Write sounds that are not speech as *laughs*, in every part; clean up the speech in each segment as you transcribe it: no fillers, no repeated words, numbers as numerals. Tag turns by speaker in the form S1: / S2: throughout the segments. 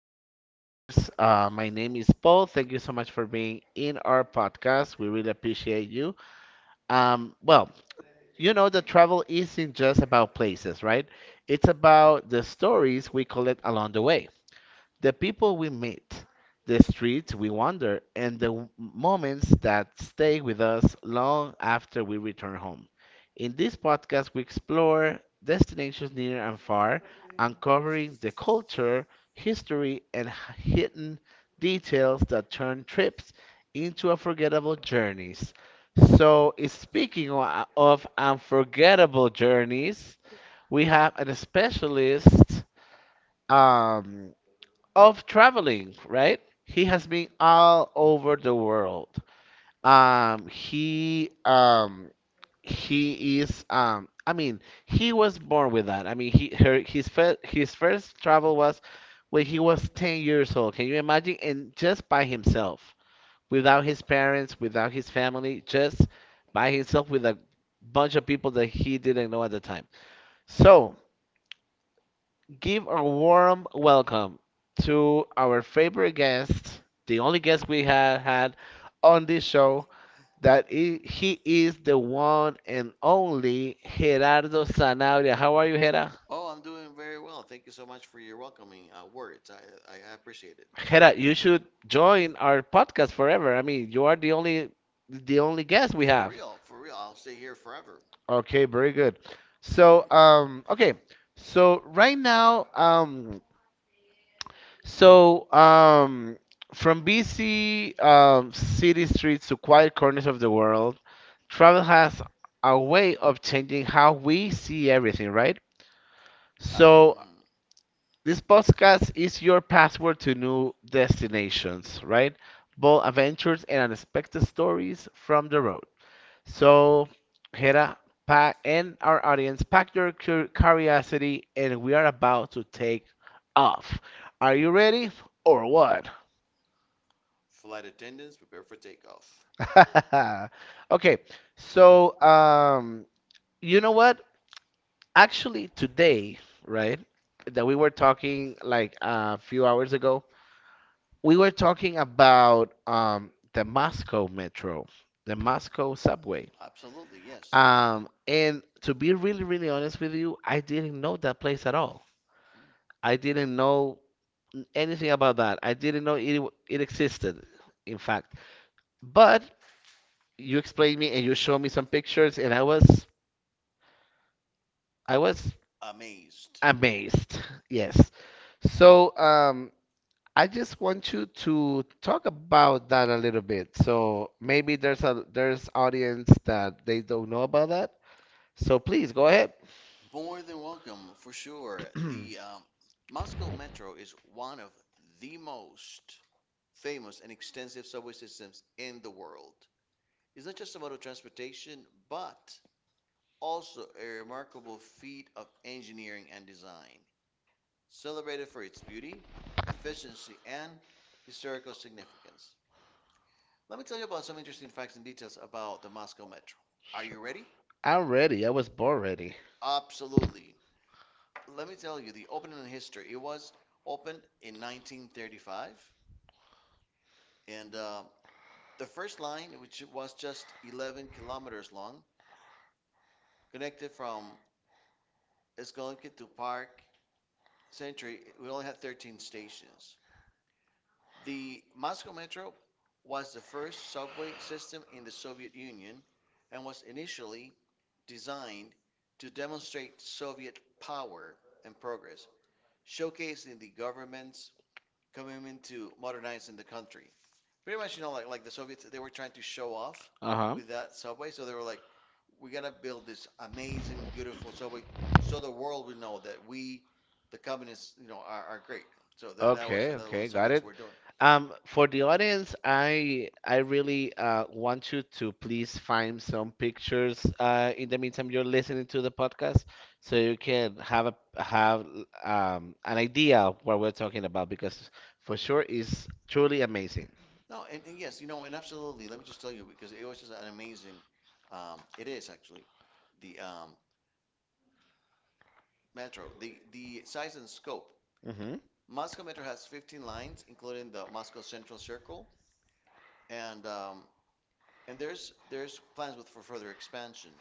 S1: you, travelers? My name is Paul. Thank you so much for being in our podcast. We really appreciate you. Um, well, you know that travel isn't just about places, right? It's about the stories we collect along the way, the people we meet, the streets we wander, and the moments that stay with us long after we return home. In this podcast, we explore destinations near and far, uncovering the culture, history, and hidden details that turn trips into unforgettable journeys. So, speaking of unforgettable journeys, we have an specialist. Um, of traveling, right? He has been all over the world. Um, he um he is um I mean he was born with that. I mean, he her his first travel was when he was 10 years old. Can you imagine? And just by himself, without his parents, without his family, just by himself with a bunch of people that he didn't know at the time. So give a warm welcome to our favorite guest, the only guest we have had on this show, that he is the one and only Gerardo Sanabria. How are you, Hera?
S2: Oh, I'm doing very well. Thank you so much for your welcoming words. I appreciate it.
S1: Hera, you should join our podcast forever. I mean, you are the only, the only guest we
S2: For
S1: have.
S2: real, for real. I'll stay here forever.
S1: Okay, very good. So, okay. So right now, So, from busy city streets to quiet corners of the world, travel has a way of changing how we see everything, right?
S2: Uh,
S1: So,
S2: mhm.
S1: this podcast is your password to new destinations, right? Bold adventures and unexpected stories from the road. So, Hera, pack, and our audience, pack your curiosity, and we are about to take off. Are you ready or what?
S2: Flight attendants, prepare for takeoff.
S1: *laughs* Okay, so you know what? Actually, today, right, that we were talking like a few hours ago, we were talking about the Moscow Metro, the Moscow subway.
S2: Absolutely, yes.
S1: And to be really, really honest with you, I didn't know that place at all. I didn't know anything about that. I didn't know it existed, in fact. But you explained me and you showed me some pictures, and I was
S2: Amazed.
S1: amazed. *laughs* Yes. So I just want you to talk about that a little bit. So maybe there's audience that they don't know about that. So please go ahead.
S2: More than
S1: *clears throat*
S2: welcome, for sure. The
S1: Sure.
S2: um, Moscow Metro is one of the most famous and extensive subway systems in the world. It's not just about the transportation, but also a remarkable feat of engineering and design, celebrated for its beauty, efficiency, and historical significance. Let me tell you about some interesting facts and details about the Moscow Metro. Are you ready?
S1: I'm ready. I was born ready.
S2: Absolutely. Let me tell you the opening in history. It was opened in 1935, and the first line, which was just 11 kilometers long, connected from Eskolonki to Park Century, we only had 13 stations. The Moscow Metro was the first subway system in the Soviet Union and was initially designed to demonstrate Soviet power and progress, showcasing the government's commitment to modernizing the country. Pretty much, you know, like the Soviets, they were trying to show off
S1: Uh-huh.
S2: with that subway. So they were like, we're going to build this amazing, beautiful subway so the world will know that we, the communists, you know, are great. So that was
S1: Okay,
S2: that was what
S1: okay,
S2: the
S1: got
S2: Soviets
S1: it.
S2: were doing.
S1: For the audience, I really want you to please find some pictures in the meantime you're listening to the podcast, so you can have an idea of what we're talking about because for sure it's truly amazing.
S2: No, and yes, you know, and absolutely. Let me just tell you because it was just an amazing. It is actually the metro. The size and scope.
S1: Mm-hmm.
S2: Moscow Metro has 15 lines, including the Moscow Central Circle, and and there's plans with for further expansion.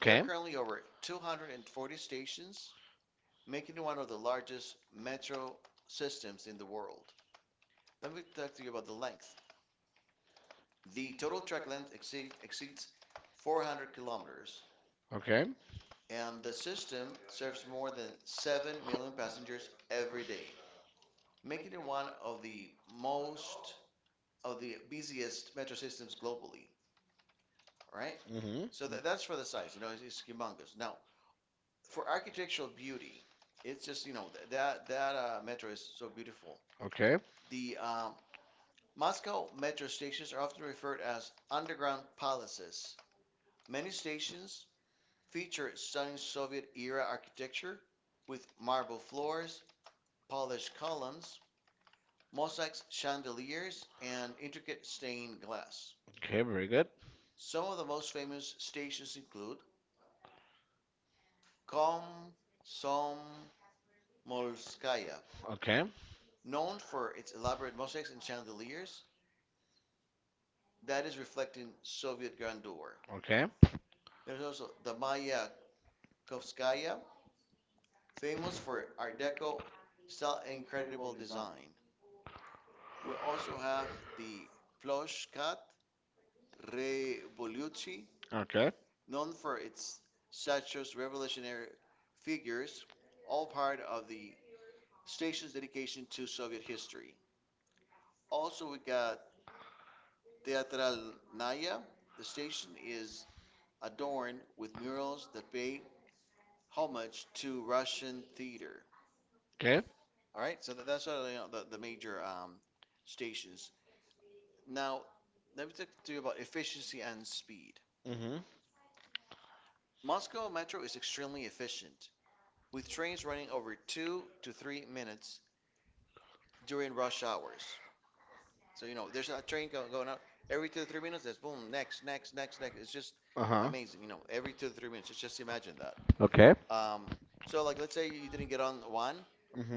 S2: There are currently over 240 stations, making it one of the largest metro systems in the world. Let me talk to you about the length. The total track length exceeds 400 kilometers,
S1: Okay.
S2: and the system serves more than 7 million passengers every day, making it one of the most of the busiest metro systems globally, right? So
S1: Mm-hmm.
S2: that's for the size, you know, it's humongous. Now, for architectural beauty, it's just, you know, that metro is so beautiful.
S1: Okay.
S2: The Moscow metro stations are often referred as underground palaces. Many stations feature stunning Soviet-era architecture with marble floors, polished columns, mosaics, chandeliers, and intricate stained glass.
S1: Okay. Very good.
S2: Some of the most famous stations include Komsomolskaya,
S1: Okay.
S2: known for its elaborate mosaics and chandeliers that is reflecting Soviet grandeur.
S1: Okay.
S2: There's also the Maya famous for Art Deco style and incredible design. We also have the Ploshkat Revoluci,
S1: Okay.
S2: known for its statues, revolutionary figures, all part of the station's dedication to Soviet history. Also, we got Teatralnaya. The station is adorned with murals that pay homage to Russian theater.
S1: Okay.
S2: All right, so that's all you know, the major stations. Now, let me talk to you about efficiency and speed.
S1: Mm-hmm.
S2: Moscow Metro is extremely efficient, with trains running over 2 to 3 minutes during rush hours. So, you know, there's a going out every 2 to 3 minutes. There's boom, next, next, next, next. It's just
S1: Uh-huh.
S2: amazing. You know, every 2 to 3 minutes. Just imagine that.
S1: Okay.
S2: Um, so, like, let's say you didn't get on one,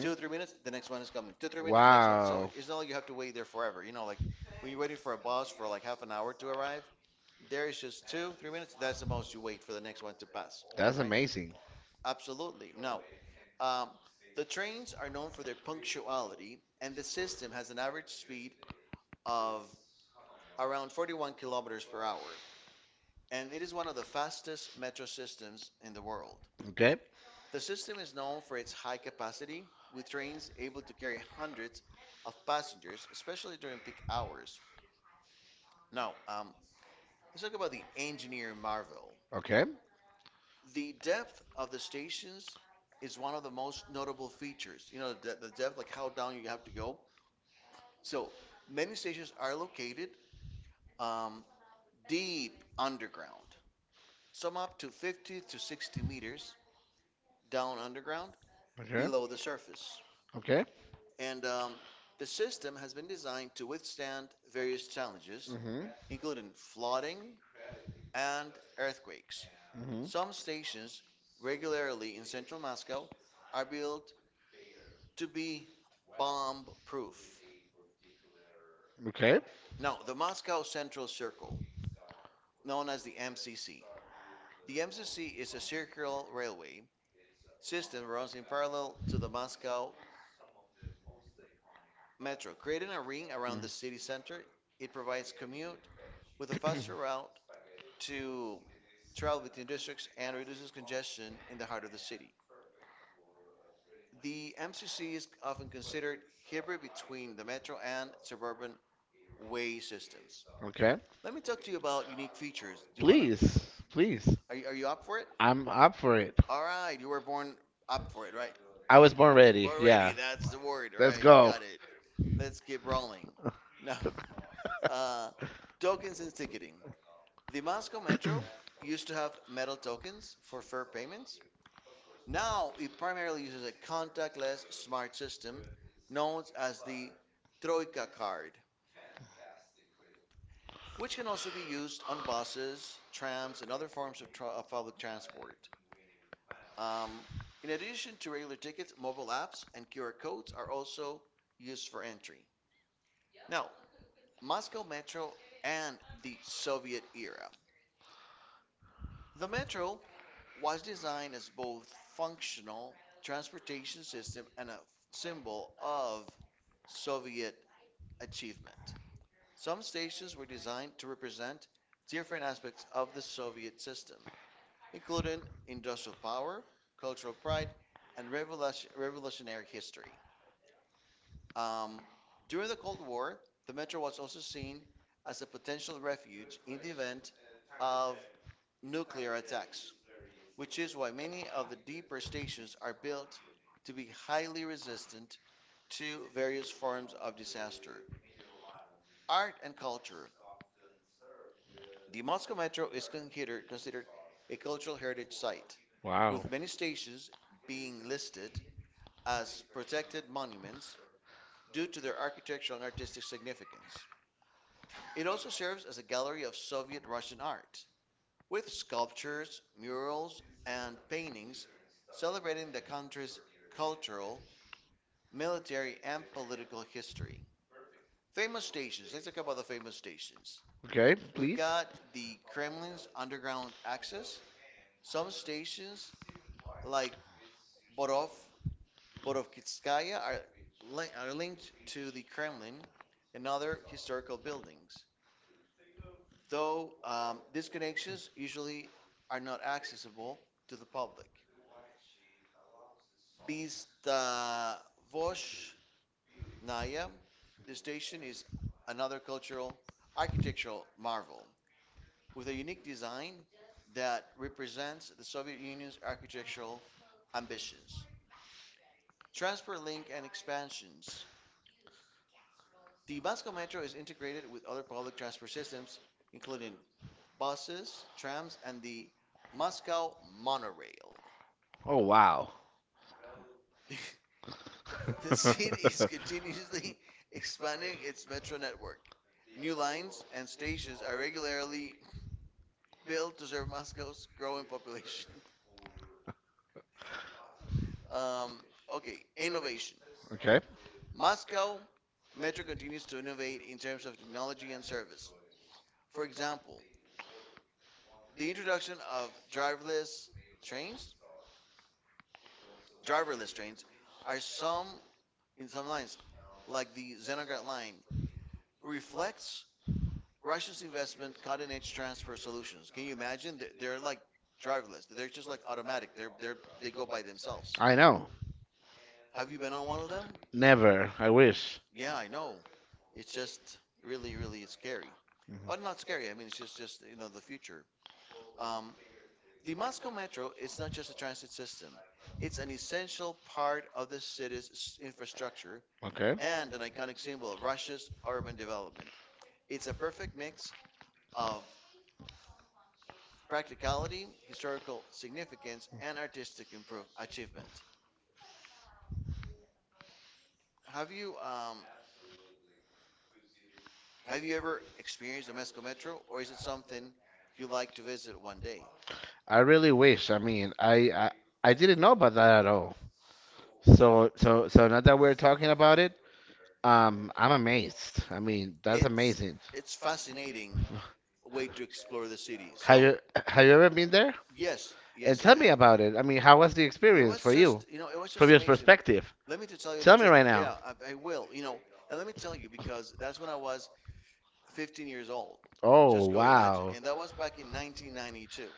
S2: two or three minutes, the next one is coming. Two, 3 minutes, the next one. So
S1: Wow,
S2: it's not like you have to wait there forever. You know, like when you're waiting for a bus for like half an hour to arrive, there is just two, 3 minutes. That's
S1: that's
S2: the most you wait for the next one to pass. All right?
S1: amazing.
S2: Absolutely. Now, um, the trains are known for their punctuality, and the system has an average speed of around 41 kilometers per hour, and it is one of the fastest metro systems in the world.
S1: Okay,
S2: The system is known for its high capacity, with trains able to carry hundreds of passengers, especially during peak hours. Now, let's talk about the engineer marvel.
S1: okay,
S2: The depth of the stations is one of the most notable features. You know, the depth, like how down you have to go. So many stations are located um, deep underground. Some up to 50 to 60 meters down underground
S1: okay,
S2: below the surface.
S1: okay.
S2: And The system has been designed to withstand various challenges,
S1: Hmm.
S2: including flooding and earthquakes.
S1: Hmm.
S2: Some stations, regularly in central Moscow, are built to be bomb proof.
S1: Okay.
S2: Now, the Moscow Central Circle, known as the MCC, the MCC is a circular railway system that runs in parallel to the Moscow Metro. Creating a ring around the city center, it provides commute with a faster
S1: *clears throat*
S2: route to travel between districts and reduces congestion in the heart of the city. The MCC is often considered hybrid between the metro and suburban way systems.
S1: Okay.
S2: Let me talk to you about unique features. Do you want to?
S1: Please, please,
S2: Are you up for it?
S1: I'm up for it.
S2: All right, you were born up for it, right? I
S1: I was born
S2: We're ready.
S1: ready.
S2: Born ready,
S1: Yeah,
S2: That's the word,
S1: let's
S2: right? You
S1: go.
S2: got it. Let's keep rolling. No,
S1: *laughs*
S2: uh, tokens and ticketing. The Moscow Metro used to have metal tokens for fare payments. Now it primarily uses a contactless smart system known as the Troika card, which can also be used on buses, trams, and other forms of public transport. Um, in addition to regular tickets, mobile apps and QR codes are also used for entry. Now, Moscow Metro and the Soviet era. The Metro was designed as both functional transportation system and a symbol of Soviet achievement. Some stations were designed to represent different aspects of the Soviet system, including industrial power, cultural pride, and revolutionary history. Um, During the Cold War, the metro was also seen as a potential refuge in the event of nuclear attacks which is why many of the deeper stations are built to be highly resistant to various forms of disaster. Art and culture. The Moscow Metro is considered a cultural heritage site,
S1: Wow.
S2: with many stations being listed as protected monuments due to their architectural and artistic significance. It also serves as a gallery of Soviet Russian art, with sculptures, murals, and paintings celebrating the country's cultural military, and political history. Famous stations. Let's talk about the famous stations.
S1: Okay,
S2: We've
S1: please.
S2: got the Kremlin's underground access. Some stations, like Borov, Borovskaya, are, are linked to the Kremlin and other historical buildings. Though these connections usually are not accessible to the public. Beast Naya, the station is another cultural architectural marvel with a unique design that represents the Soviet Union's architectural ambitions. Transport link and expansions. The Moscow Metro is integrated with other public transport systems, including buses, trams, and the Moscow monorail.
S1: Oh wow.
S2: *laughs* The city is
S1: *laughs*
S2: continuously *laughs* expanding its metro network. New lines and stations are regularly built to serve Moscow's growing population. *laughs* Um, okay, innovation.
S1: Okay.
S2: Moscow Metro continues to innovate in terms of technology and service. For example, the introduction of trains, driverless trains, are some in some lines, like the Zenograd line, reflects Russia's investment cutting-edge transfer solutions. Can you imagine? They're like driverless. They're just like automatic. They're they go by themselves.
S1: I know.
S2: Have you been on one of them?
S1: Never. I wish.
S2: Yeah, I know. It's just really, really scary. But not scary. I mean, it's just the future. Um, the Moscow Metro is not just a transit system. It's an essential part of the city's infrastructure
S1: Okay.
S2: and an iconic symbol of Russia's urban development. It's a perfect mix of practicality, historical significance, and artistic improve achievement. Have you um, have you ever experienced the Moscow Metro, or is it something you like to visit one day?
S1: I really wish. I mean, I didn't know about that at all. So now that we're talking about it, I'm amazed. I mean, that's
S2: It's
S1: amazing.
S2: it's fascinating way to explore the city.
S1: Have
S2: So
S1: you have you ever been there?
S2: yes,
S1: And
S2: yes, I
S1: tell me
S2: have.
S1: about it. I mean, how was the
S2: It
S1: experience
S2: was
S1: for you,
S2: just you know it was
S1: from
S2: just
S1: your
S2: amazing.
S1: perspective?
S2: Let me to tell you the
S1: Tell me
S2: truth.
S1: right now.
S2: Yeah, I will. You know, and let me tell you because that's when I was 15 years old.
S1: Oh
S2: Just go imagine,
S1: wow,
S2: and that was back in 1992.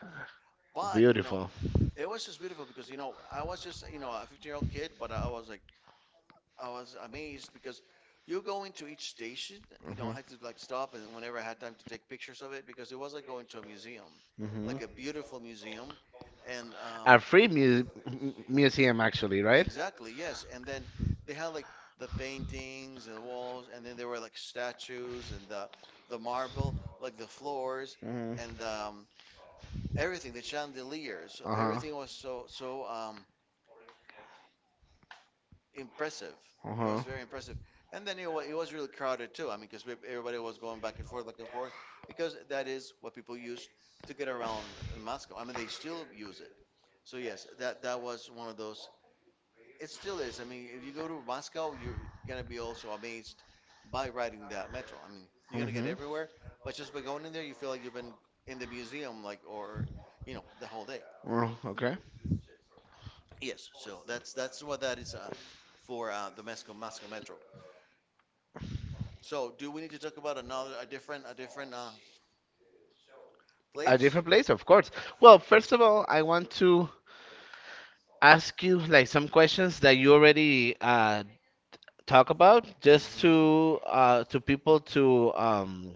S2: But you know,
S1: beautiful.
S2: it was just beautiful because you know I was just you know a 15-year-old kid, but I was like. I was amazed because you go into each station, you know, I
S1: Hmm.
S2: had to like stop and whenever I had time to take pictures of it because it was like going to a museum,
S1: Hmm.
S2: like a beautiful museum. And
S1: A free museum, actually, right?
S2: Exactly, yes. And then they had like the paintings and the walls, and then there were like statues and the marble, like the floors
S1: Mhm.
S2: and everything, the chandeliers. So
S1: Uh huh.
S2: everything was so impressive.
S1: Uh
S2: It
S1: huh.
S2: was very impressive. And then you know, it was really crowded too. I mean, because everybody was going back and forth, because that is what people used to get around in Moscow. I mean, they still use it. So yes, that was one of those. It still is. I mean, if you go to Moscow, you're gonna be also amazed by riding that metro. I mean, you're gonna get
S1: Mhm.
S2: everywhere, but just by going in there, you feel like you've been in the museum, like the whole day.
S1: Oh, okay.
S2: Yes. So that's what that is for the Moscow Metro. So, do we need to talk about a different
S1: A
S2: place?
S1: different place, of course. Well, first of all, I want to ask you like some questions that you already talk about, just
S2: hmm
S1: to people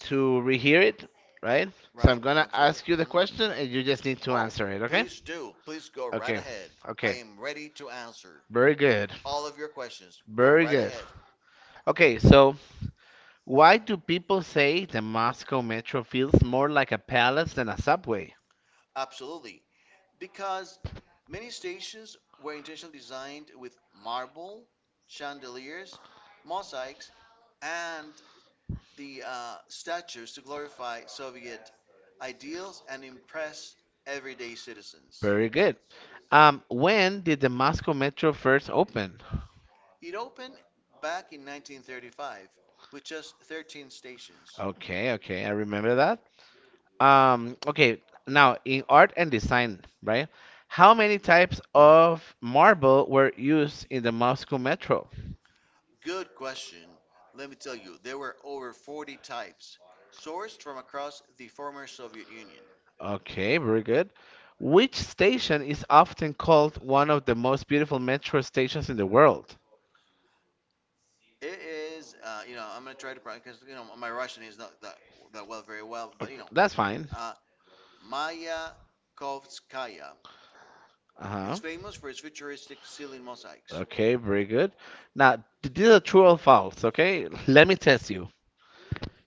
S1: to rehear it, right? So I'm
S2: Right?
S1: gonna
S2: Absolutely.
S1: ask you the question, and you just need to
S2: Oh,
S1: answer it, okay?
S2: please do. Please go right
S1: Okay.
S2: ahead. I
S1: Okay.
S2: am ready to answer
S1: Very good.
S2: all of your questions. Go
S1: Very
S2: right
S1: good.
S2: ahead.
S1: Okay, so why do people say the Moscow metro feels more like a palace than a subway?
S2: Absolutely. Because many stations were intentionally designed with marble, chandeliers, mosaics, and the statues to glorify Soviet ideals and impress everyday citizens.
S1: Very good. When did the Moscow metro first open?
S2: It opened back in 1935 with just 13 stations.
S1: Okay, okay, I remember that. Um, okay, Now in art and design, right? How many types of marble were used in the Moscow Metro?
S2: Good question. Let me tell you, there were over 40 types sourced from across the former Soviet Union.
S1: Okay, very good. Which station is often called one of the most beautiful metro stations in the world?
S2: It is, you know, I'm gonna try to because you know my Russian is not very well,
S1: Ok-
S2: but you know,
S1: That's fine.
S2: uh, Maya Kovskaya.
S1: Uh-huh.
S2: It's famous for its futuristic ceiling mosaics.
S1: Okay, very good. Now, these are true or false, okay? *laughs* Let me test you.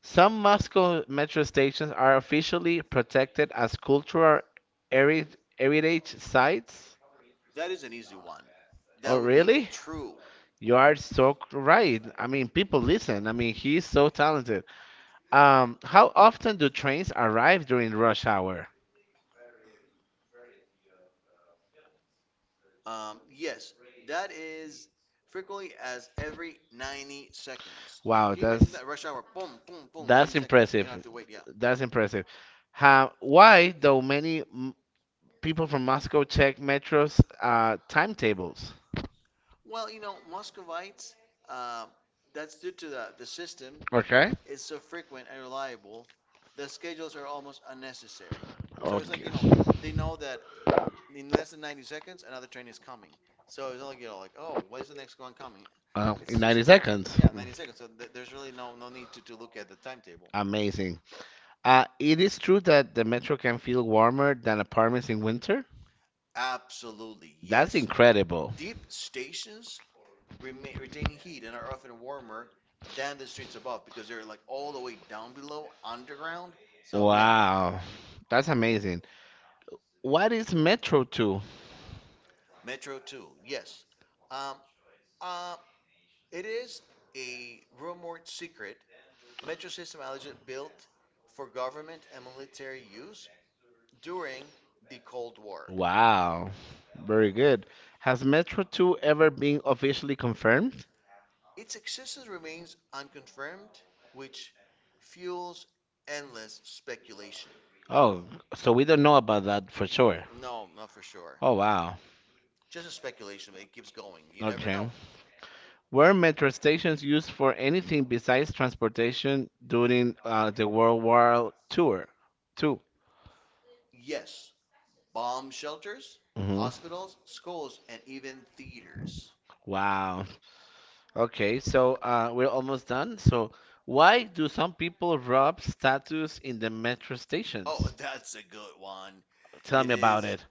S1: Some Moscow metro stations are officially protected as cultural heri- heritage sites.
S2: That is an easy one.
S1: Oh,
S2: That would be
S1: really?
S2: true.
S1: You are so right. I mean, people listen. I mean, he's so talented. How often do trains arrive during rush hour?
S2: Yes, that is frequently as every 90 seconds.
S1: Wow,
S2: Can you imagine
S1: that's
S2: that? Rush hour, boom, boom, boom,
S1: that's
S2: 90 seconds. You
S1: impressive.
S2: have to wait, yeah.
S1: That's impressive. How, why, though, many people from Moscow check metro's timetables?
S2: Well, you know, Muscovites, um, that's due to the system
S1: Okay.
S2: is so frequent and reliable, the schedules are almost unnecessary. So it's like,
S1: Okay.
S2: you know, they know that in less than 90 seconds, another train is coming. So it's not like you know like, oh, when's the next one coming?
S1: In
S2: It's just,
S1: 90
S2: a-
S1: seconds.
S2: yeah, 90 seconds. So there's really no need to look at the timetable.
S1: Amazing. It is true that the metro can feel warmer than apartments in winter.
S2: Absolutely,
S1: That's
S2: yes.
S1: incredible.
S2: Deep stations retain heat and are often warmer than the streets above because they're like all the way down below, underground. So, yeah.
S1: Wow.
S2: Mhm.
S1: That's amazing. What is Metro 2?
S2: Metro 2, yes. Um, uh, it is a rumored secret Metro system allegedly built for government and military use during the Cold War.
S1: Wow. Very good. Has Metro 2 ever been officially confirmed?
S2: Its existence remains unconfirmed, which fuels endless speculation.
S1: Oh, so we don't know about that for sure.
S2: No, not for sure.
S1: Oh, wow.
S2: Just a speculation, but it keeps going. You never
S1: Okay.
S2: know.
S1: Were metro stations used for anything besides transportation during the World War Tour? Two.
S2: Yes, bomb shelters,
S1: Mhm.
S2: hospitals, schools, and even theaters.
S1: Wow. Okay, so we're almost done. So, why do some people rob statues in the metro
S2: Oh,
S1: stations?
S2: *laughs* that's a good one.
S1: Tell
S2: It
S1: me about
S2: is.
S1: it.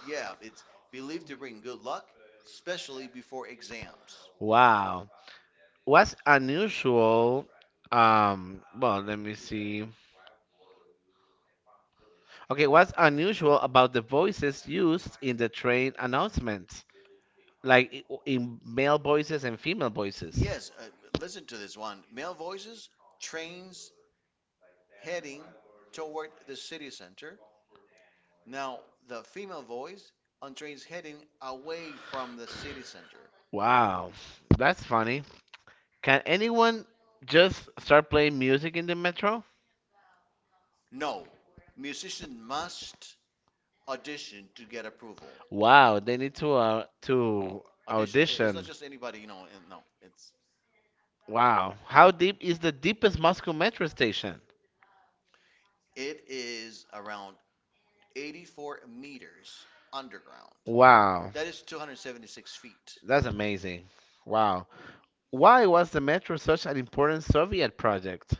S2: Yeah, it's believed to bring good luck, especially before exams.
S1: Wow. What's unusual? Well, let me see. Okay, what's unusual about the voices used in the train announcements? Like in male voices and female voices.
S2: Yes, listen to this one. Male voices, trains heading toward the city center. Now, the female voice on trains heading away from the city center.
S1: Wow, that's funny. Can anyone just start playing music in the metro?
S2: No, musician must audition to get approval.
S1: Wow, they need to to, it's
S2: Audition. It's
S1: audition.
S2: not
S1: Not.
S2: just anybody, you know. And No, it's
S1: Wow, how deep is the deepest Moscow metro station?
S2: it is around 84 meters underground.
S1: Wow,
S2: That is 276 feet.
S1: that's amazing. Wow, why was the metro such an important Soviet project?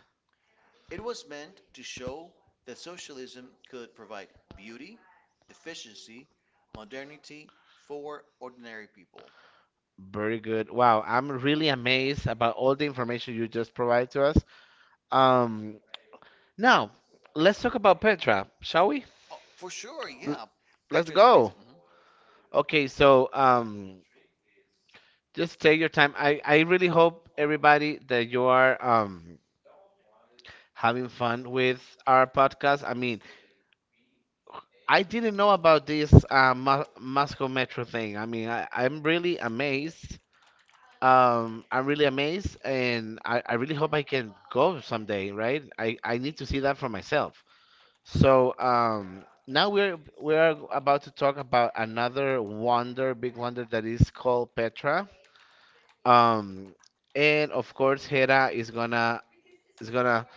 S2: It was meant to show that socialism could provide beauty, efficiency, modernity for ordinary people.
S1: Very good. Wow, I'm really amazed about all the information you just provide to us. Um, Now let's talk about Petra, shall we?
S2: Oh, for sure,
S1: L-
S2: yeah.
S1: Let's
S2: Petra is
S1: go.
S2: amazing. Mhm.
S1: Okay, so just take your time. I really hope everybody that you are having fun with our podcast. I mean, I didn't know about this Moscow Metro thing. I mean, I, I'm really amazed. I'm really amazed, and I really hope I can go someday, right? I need to see that for myself. So now we are about to talk about another wonder, big wonder that is called Petra. Um, and of course, Hera is gonna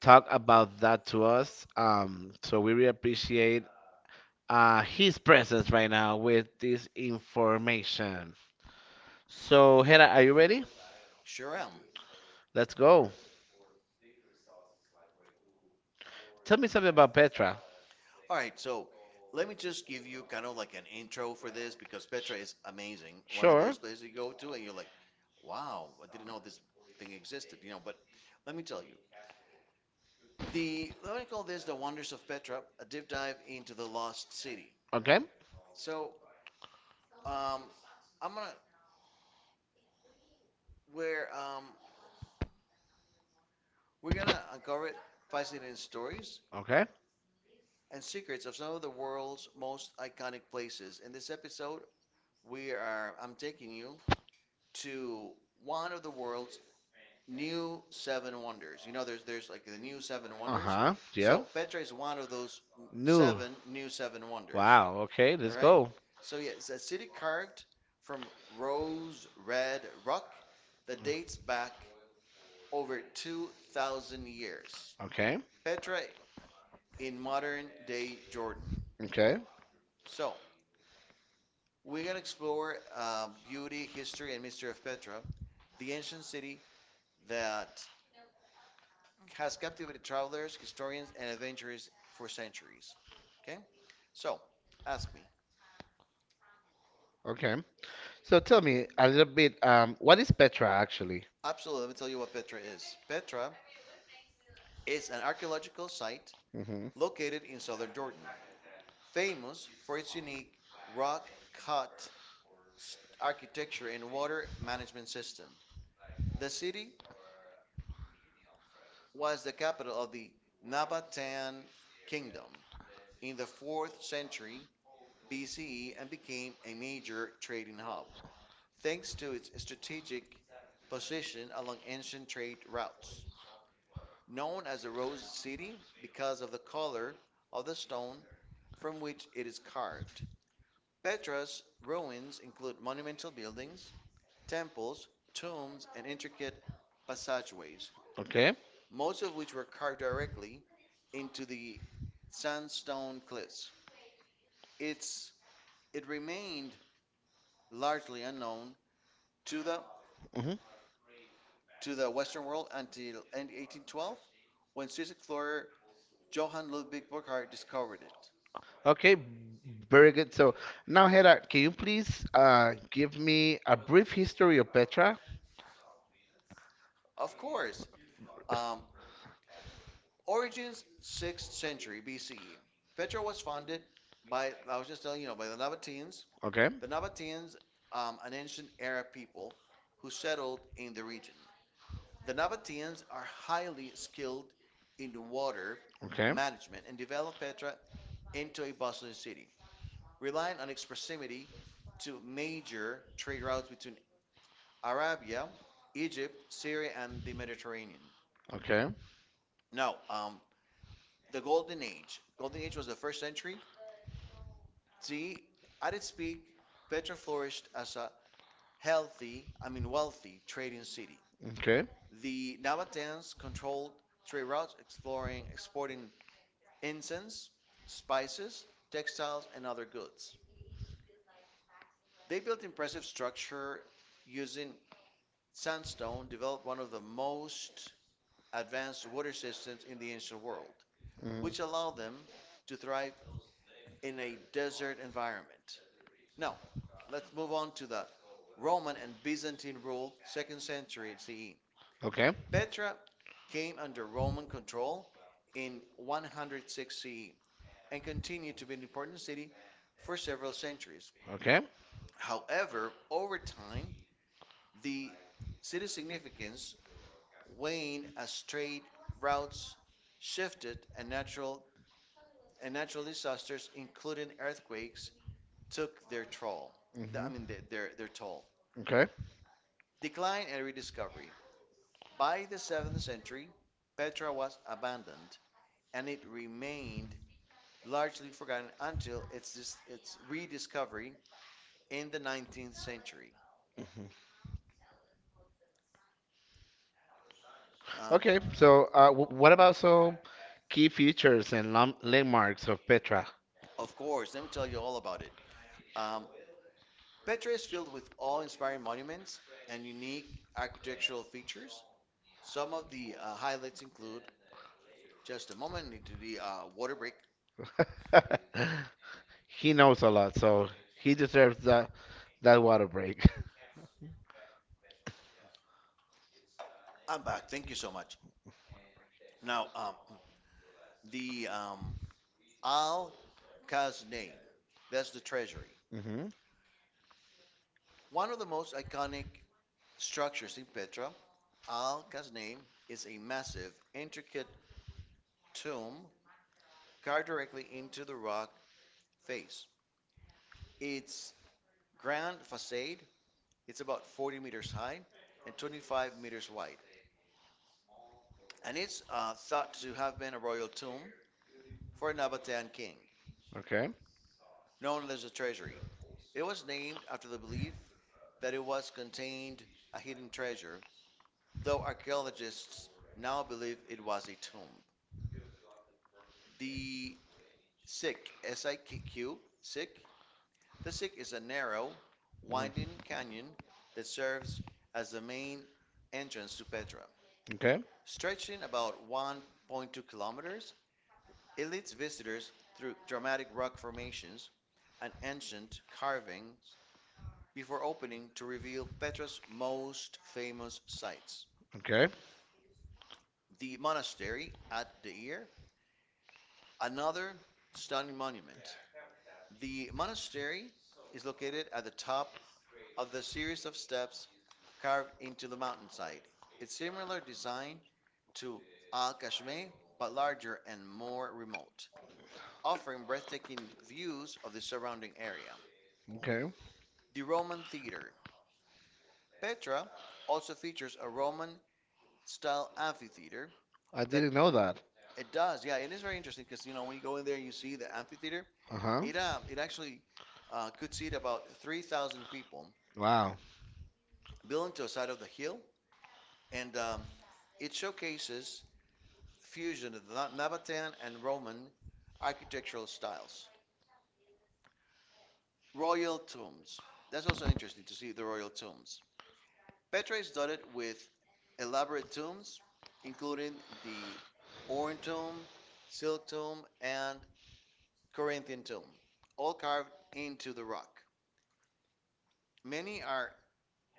S1: talk about that to us. So we really appreciate his presence right now with this information. So Hera, are you ready?
S2: Sure am.
S1: Let's go. Tell me something about Petra.
S2: All right, so let me just give you kind of like an intro for this because Petra is amazing. One of
S1: Sure.
S2: those places you go to and you're like, wow, I didn't know this thing existed, you know. But let me tell you, The let me call this the wonders of Petra, a deep dive into the lost city.
S1: Okay.
S2: So um, I'm gonna where we're gonna uncover fascinating stories
S1: Okay.
S2: and secrets of some of the world's most iconic places. In this episode, we are I'm taking you to one of the world's new seven wonders. You know, there's like the new seven
S1: Uh
S2: wonders.
S1: huh. Yeah.
S2: So Petra is one of those
S1: New.
S2: seven new seven wonders.
S1: Wow. Okay.
S2: All
S1: Let's, right,
S2: right.
S1: go.
S2: So yeah, it's a city carved from rose red rock that dates back over 2,000 years.
S1: Okay.
S2: Petra in modern day Jordan.
S1: Okay.
S2: So we're gonna explore beauty, history, and mystery of Petra, the ancient city that has captivated travelers, historians, and adventurers for centuries. Okay. So ask me.
S1: Okay. So tell me a little bit. What is Petra actually?
S2: Absolutely, let me tell you what Petra is. Petra is an archaeological site
S1: Mm-hmm.
S2: located in southern Jordan, famous for its unique rock cut architecture and water management system. The city was the capital of the Nabatean kingdom in the 4th century BCE and became a major trading hub, thanks to its strategic position along ancient trade routes. Known as the Rose City because of the color of the stone from which it is carved. Petra's ruins include monumental buildings, temples, tombs, and intricate passageways,
S1: Okay.
S2: most of which were carved directly into the sandstone cliffs. It's it remained largely unknown to the
S1: Mm-hmm.
S2: to the Western world until 1812, when Swiss explorer Johann Ludwig Burckhardt discovered it.
S1: Okay. Very good. So now, Hera, can you please give me a brief history of Petra?
S2: Of course, um, Origins, 6th century BCE. Petra was founded by, I was just telling you, know, by the Nabateans.
S1: Okay.
S2: The Nabateans, an ancient Arab people who settled in the region. The Nabateans are highly skilled in water
S1: Okay.
S2: management and developed Petra into a bustling city, relying on its proximity to major trade routes between Arabia, Egypt, Syria, and the Mediterranean.
S1: Okay.
S2: Now, the Golden Age. Golden Age was the 1st century See, at its peak, Petra flourished as a healthy, I mean wealthy, trading city.
S1: Okay.
S2: The Nabateans controlled trade routes, exporting incense, spices, textiles, and other goods. They built impressive structure using sandstone, developed one of the most advanced water systems in the ancient world,
S1: Hmm.
S2: which allowed them to thrive in a desert environment. Now, let's move on to the Roman and Byzantine rule, 2nd century CE.
S1: Okay.
S2: Petra came under Roman control in 106 CE and continued to be an important city for several centuries.
S1: Okay.
S2: However, over time, the city's significance waned as trade routes shifted and natural disasters, including earthquakes, took their toll.
S1: Hmm.
S2: I mean, their toll.
S1: Okay.
S2: Decline and rediscovery. By the 7th century, Petra was abandoned and it remained largely forgotten until its rediscovery in the 19th century.
S1: Mhm.
S2: Um,
S1: Okay. So, w what about some key features and lam landmarks of Petra?
S2: of course, let me tell you all about it. Um, Petra is filled with awe inspiring monuments and unique architectural features. Some of the highlights include just a moment, I need to the water break.
S1: *laughs* He knows a lot, so he deserves that water break.
S2: I'm back. Thank you so much. Now, *clears throat* the Al Kaznay, that's the treasury.
S1: *laughs* Hmm.
S2: One of the most iconic structures in Petra, Al Kasneh, is a massive, intricate tomb carved directly into the rock face. Its grand facade is about 40 meters high and 25 meters wide, and it's thought to have been a royal tomb for a Nabatean king,
S1: Okay.
S2: known as the treasury. It was named after the belief that it was contained a hidden treasure, though archaeologists now believe it was a tomb. The Sick, SIQ, Sick. The Sick is a narrow,
S1: Hmm.
S2: winding canyon that serves as the main entrance to Petra.
S1: Okay.
S2: Stretching about 1.2 kilometers, it leads visitors through dramatic rock formations and ancient carvings before opening to reveal Petra's most famous sites.
S1: Okay.
S2: The monastery at Deir, another stunning monument. The monastery is located at the top of the series of steps carved into the mountainside. It's similar design to Al kashmeh but larger and more remote, offering breathtaking views of the surrounding area.
S1: Okay.
S2: The Roman Theater. Petra also features a Roman style amphitheater
S1: I
S2: that
S1: didn't know that.
S2: it does. Yeah, it is very interesting because you know when you go in there and you see the amphitheater,
S1: Uh-huh.
S2: it actually could seat about 3,000 people
S1: Wow.
S2: built into a side of the hill, and it showcases fusion of Nabatean and Roman architectural styles. Royal tombs. That's also interesting to see the royal tombs. Petra is dotted with elaborate tombs, including the Oran tomb, Silk tomb, and Corinthian tomb, all carved into the rock. Many are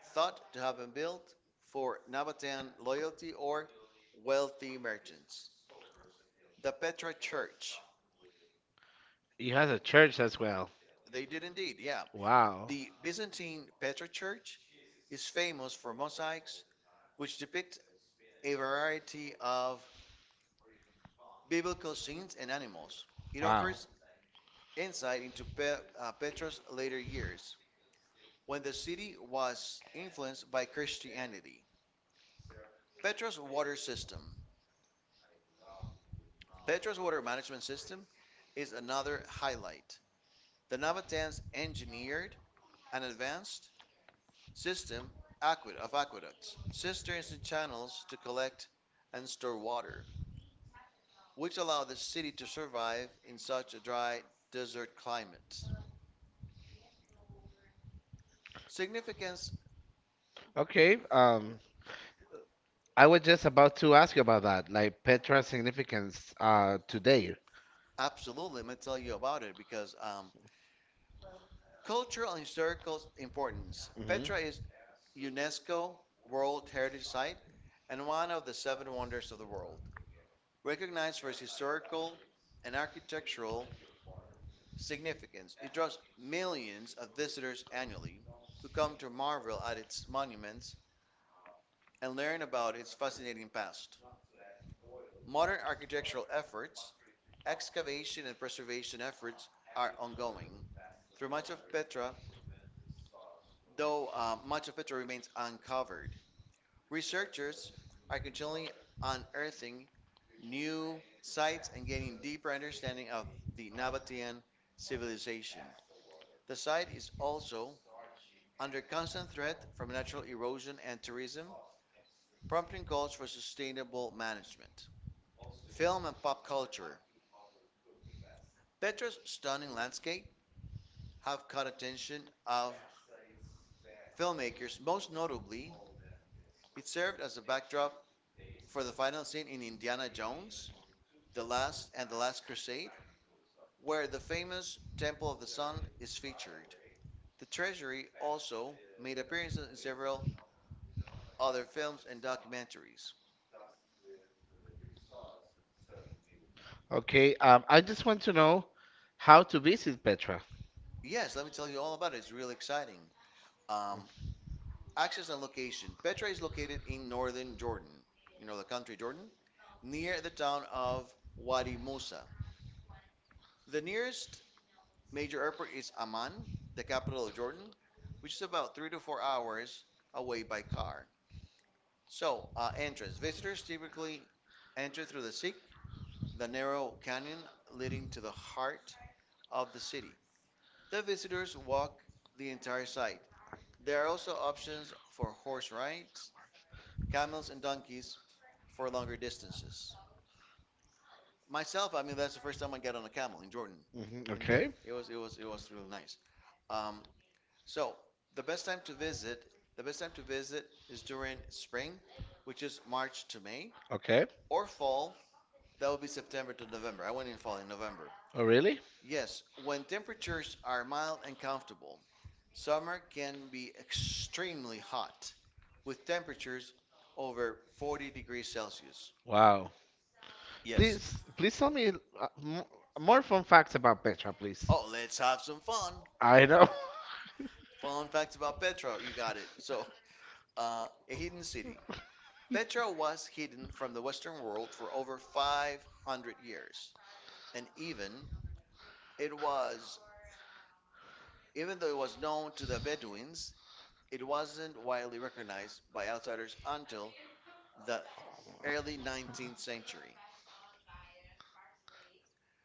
S2: thought to have been built for Nabatean loyalty or wealthy merchants. The Petra Church.
S1: He has a church as well.
S2: They did indeed, yeah.
S1: Wow.
S2: The Byzantine Petra Church is famous for mosaics which depict a variety of biblical scenes and animals. It
S1: Wow.
S2: offers insight into Petra's later years, when the city was influenced by Christianity. Petra's water system. Petra's water management system is another highlight. The Nabatans engineered an advanced system of aqueducts, cisterns, and channels to collect and store water, which allow the city to survive in such a dry desert climate. Significance,
S1: Okay. I was just about to ask you about that, like Petra's significance today.
S2: absolutely. Let me tell you about it because cultural and historical importance.
S1: Mhm.
S2: Petra is UNESCO World Heritage Site and one of the seven wonders of the world, recognized for its historical and architectural significance. It draws millions of visitors annually who come to marvel at its monuments and learn about its fascinating past. Modern architectural efforts, excavation and preservation efforts are ongoing. Through much of Petra, though much of Petra remains uncovered, researchers are continually unearthing new sites and gaining deeper understanding of the Nabatean civilization. The site is also under constant threat from natural erosion and tourism, prompting calls for sustainable management. Film and pop culture. Petra's stunning landscape have caught attention of filmmakers. Most notably, it served as a backdrop for the final scene in Indiana Jones, the Last Crusade, where the famous Temple of the Sun is featured. The Treasury also made appearances in several other films and documentaries.
S1: Okay, I just want to know how to visit Petra.
S2: Yes, let me tell you all about it. It's really exciting. Um, access and location. Petra is located in northern Jordan, you know, the country Jordan, near the town of Wadi Musa. The nearest major airport is Amman, the capital of Jordan, which is about 3 to 4 hours away by car. So, entrance. Visitors typically enter through the Sikh, the narrow canyon leading to the heart of the city. The visitors walk the entire site. There are also options for horse rides, camels, and donkeys for longer distances. Myself, I mean, that's the first time I got on a camel in Jordan,
S1: Hmm.
S2: in there.
S1: Okay,
S2: It was really nice. Um, So the best time to visit, the best time to visit is during spring, which is March to May,
S1: okay.
S2: or fall, that would be September to November. I went in fall in November.
S1: Oh, really?
S2: Yes, when temperatures are mild and comfortable, summer can be extremely hot with temperatures over 40 degrees Celsius.
S1: Wow.
S2: Yes.
S1: Please, please tell me m more fun facts about Petra, please.
S2: Oh, let's have some fun.
S1: I know. *laughs*
S2: Fun facts about Petra. You got it. So, a hidden city. Petra was hidden from the Western world for over 500 years, and even it was even though it was known to the Bedouins, it wasn't widely recognized by outsiders until the early 19th century.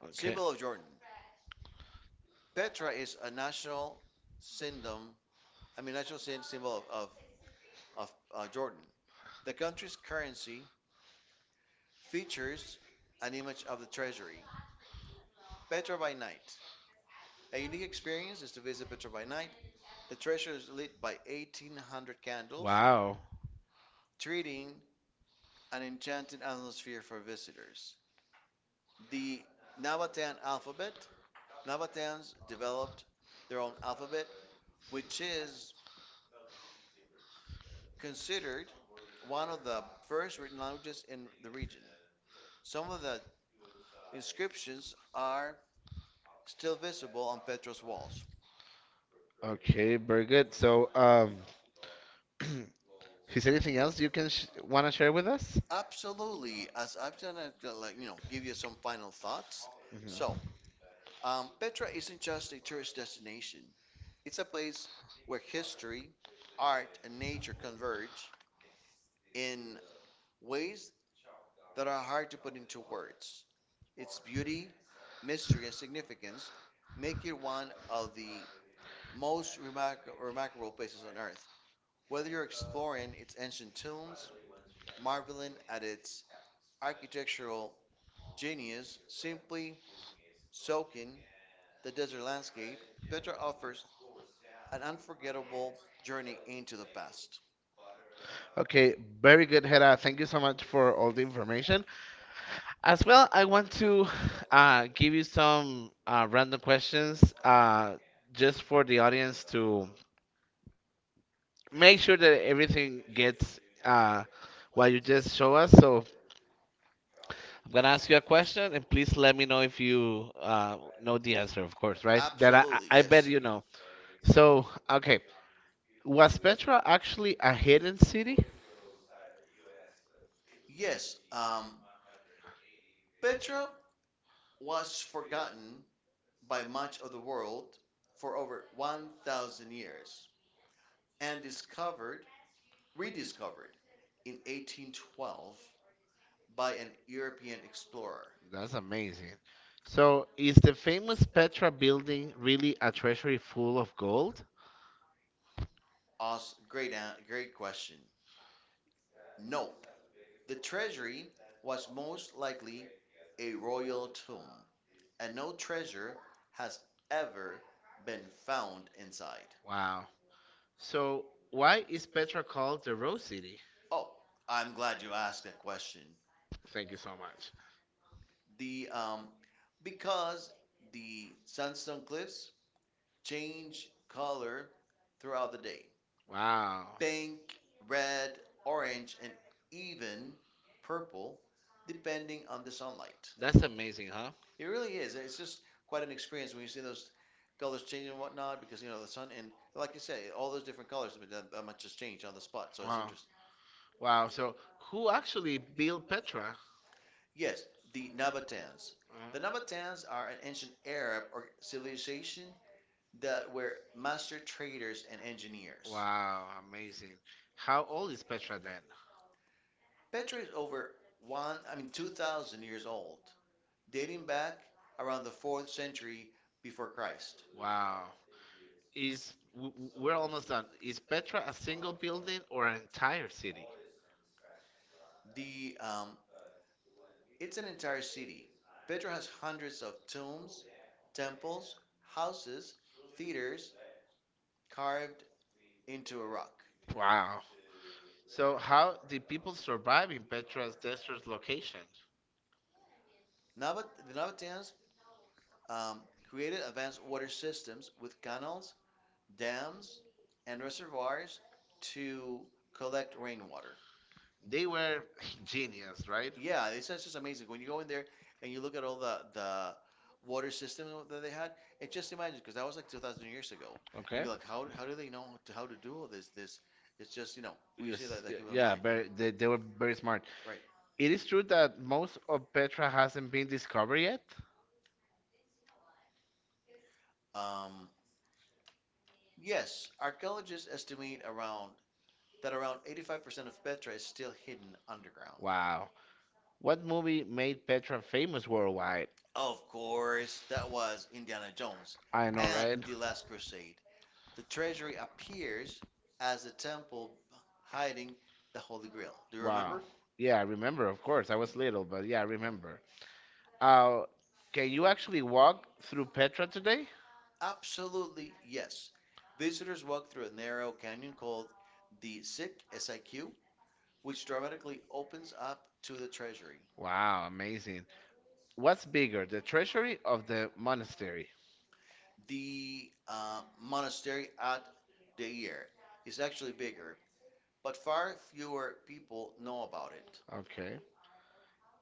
S1: Okay.
S2: Symbol of Jordan. Petra is a national symbol. I mean, national symbol of Jordan. The country's currency features an image of the treasury. Petra by night. A unique experience is to visit Petra by night. The treasure is lit by 1,800 candles,
S1: Wow.
S2: treating an enchanting atmosphere for visitors. The Nabataean alphabet. Nabataeans developed their own alphabet, which is considered one of the first written languages in the region. Some of the inscriptions are still visible on Petra's walls.
S1: Okay, very good. So, *clears throat* is anything else you can sh want to share with us?
S2: Absolutely, as I've done it, like, you know, give you some final thoughts.
S1: Mhm.
S2: So, Petra isn't just a tourist destination, it's a place where history, art, and nature converge in ways that are hard to put into words. Its beauty, mystery, and significance make it one of the remarkable places on Earth. Whether you're exploring its ancient tombs, marveling at its architectural genius, simply soaking the desert landscape, Petra offers an unforgettable journey into the past.
S1: Okay, very good, Hera. Thank you so much for all the information. As well, I want to give you some random questions just for the audience to make sure that everything gets what you just show us. So I'm gonna ask you a question, and please let me know if you know the answer, of course, right? That I,
S2: Absolutely,
S1: I I bet
S2: yes.
S1: you know. So, okay, was Petra actually a hidden city?
S2: Yes, Petra was forgotten by much of the world for over 1,000 years and rediscovered in 1812 by an European explorer.
S1: That's amazing. So, is the famous Petra building really a treasury full of gold?
S2: Oz, great, great question. Nope. The treasury was most likely a royal tomb and no treasure has ever been found inside.
S1: Wow. So, why is Petra called the Rose City?
S2: Oh, I'm glad you asked that question.
S1: Thank you so much.
S2: The Because the sandstone cliffs change color throughout the day.
S1: Wow.
S2: Pink, red, orange, and even purple depending on the sunlight.
S1: That's amazing, huh?
S2: It really is. It's just quite an experience when you see those colors changing and whatnot, because you know the sun and like you say all those different colors, but that much just change on the spot, so it's
S1: Wow.
S2: interesting.
S1: Wow. So, who actually built Petra?
S2: Yes, the Nabateans. The
S1: Uh.
S2: Nabateans are an ancient Arab or civilization that were master traders and engineers.
S1: Wow, amazing. How old is Petra then?
S2: Petra is over 2,000 years old, dating back around the fourth century before Christ.
S1: Wow. Is we're almost done. Is Petra a single building or an entire city?
S2: The It's an entire city. Petra has hundreds of tombs, temples, houses, theaters carved into a rock.
S1: Wow. So how did people survive in Petra's desert location?
S2: The Nabateans um, created advanced water systems with canals, dams, and reservoirs to collect rainwater.
S1: They were *laughs* genius, right?
S2: It's just amazing. When you go in there and you look at all the water system that they had, it just imagine because that was like 2,000 years ago. And
S1: Okay.
S2: you're like, how, do they know how to, do all this? It's just, you know, when you see that,
S1: Yes,
S2: the human
S1: yeah,
S2: mind.
S1: very,
S2: They,
S1: they were
S2: were very
S1: very smart.
S2: smart.
S1: It is true that most of Petra hasn't been discovered yet.
S2: Right. Yes, archaeologists estimate around 85% of Petra is still hidden underground. Wow.
S1: Wow. What movie made Petra famous worldwide?
S2: Of course, that was Indiana Jones
S1: I know,
S2: and
S1: right?
S2: the
S1: *laughs*
S2: Last Crusade. The treasury appears as the temple hiding the Holy Grail. Do you
S1: Wow.
S2: remember?
S1: Yeah, I remember, of course. I was little, but yeah, I
S2: Right.
S1: remember. Uh, can you actually walk through Petra today?
S2: Absolutely, yes. Visitors walk through a narrow canyon called the Sick SIQ, S I Q, which dramatically opens up to the treasury.
S1: Wow, amazing. What's bigger, the treasury of the monastery?
S2: The monastery at Deir is actually bigger, but far fewer people know about it.
S1: Okay.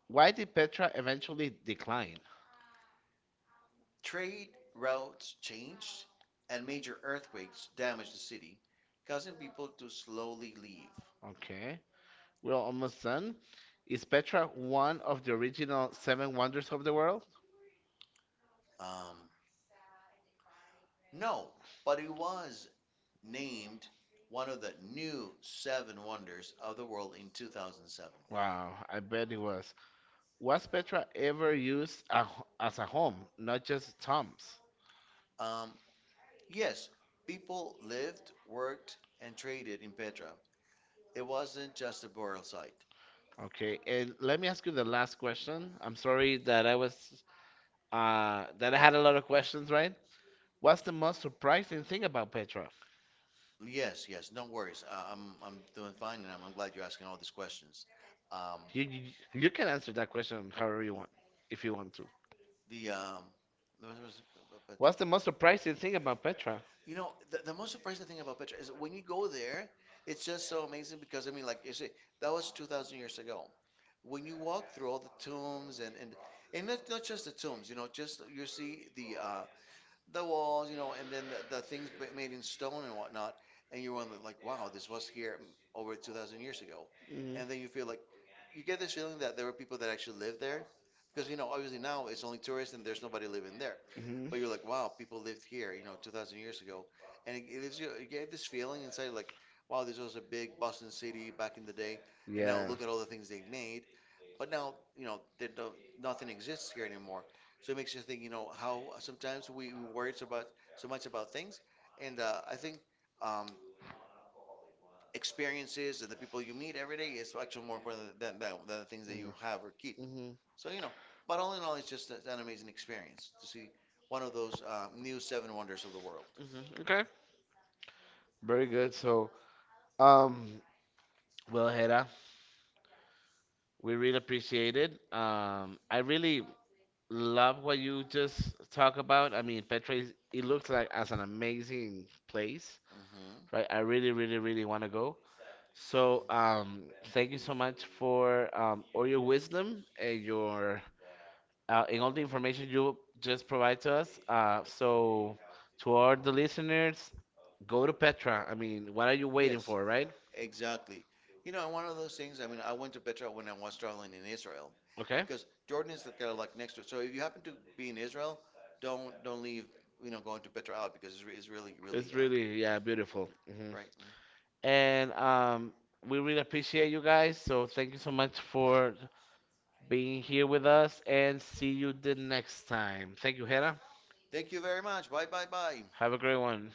S1: Why did Petra eventually decline?
S2: Trade routes changed, and major earthquakes damaged the city, causing people to slowly leave.
S1: Okay. We're almost done. Is Petra one of the original seven wonders of the world?
S2: Um, no, but it was named one of the new seven wonders of the world in 2007.
S1: Wow, I bet it was. Was Petra ever used a, as a home, not just tombs?
S2: Um, yes, people lived, worked, and traded in Petra. It wasn't just a burial site.
S1: Okay, and let me ask you the last question. I'm sorry that I was that I had a lot of questions, right? What's the most surprising thing about Petrov?
S2: Yes, yes, no worries. I'm doing fine, and I'm glad you're asking all these questions. Um,
S1: You, you can answer that question however you want, if you want to.
S2: the um, the most- most-
S1: What's the most surprising thing about Petra?
S2: You know, the most surprising thing about Petra is that when you go there, it's just so amazing because I mean, like you say, that was 2,000 years ago. When you walk through all the tombs and not just the tombs, you know, just you see the walls, you know, and then the things made in stone and whatnot, and you're on like, wow, this was here over 2,000 years ago,
S1: Mm.
S2: and then you feel like you get this feeling that there were people that actually lived there, because you know, obviously now it's only tourists and there's nobody living there,
S1: Mhm.
S2: but you're like, wow, people lived here, you know, 2,000 years ago, and it gives you, you get this feeling inside, like, wow, this was a big Boston city back in the day, and now
S1: Yeah.
S2: look at all the things they made, but now, you know, there don't, nothing exists here anymore. So it makes you think, you know, how sometimes we worry so about so much about things, and I think um, experiences and the people you meet every day is actually more important than, than the things that you have or keep.
S1: Mm. Mhm.
S2: So you know, but all in all, it's just an amazing experience to see one of those new seven wonders of the world.
S1: Mhm. Okay. Very good. So, um, well, Hera, we really appreciate it. I really love what you just talk about. I mean, Petra, is, it looks like as an amazing place,
S2: Hmm
S1: right? I really, really, really want to go. So, thank you so much for all your wisdom and your and all the information you just provide to us. To all the listeners, go to Petra. I mean, what are you waiting
S2: Yes,
S1: for, right?
S2: exactly. You know, and one of those things, I mean, I went to Petra when I was traveling in Israel
S1: Okay.
S2: because Jordan is kind of like next to it. So if you happen to be in Israel, don't leave, you know, going to Petra out because it's really,
S1: It's
S2: really,
S1: really, yeah, beautiful. Hmm.
S2: right. Mhm.
S1: And we really appreciate you guys. So thank you so much for being here with us, and see you the next time. Thank you, Hera.
S2: Thank you very much. Bye, bye, bye.
S1: Have a great one.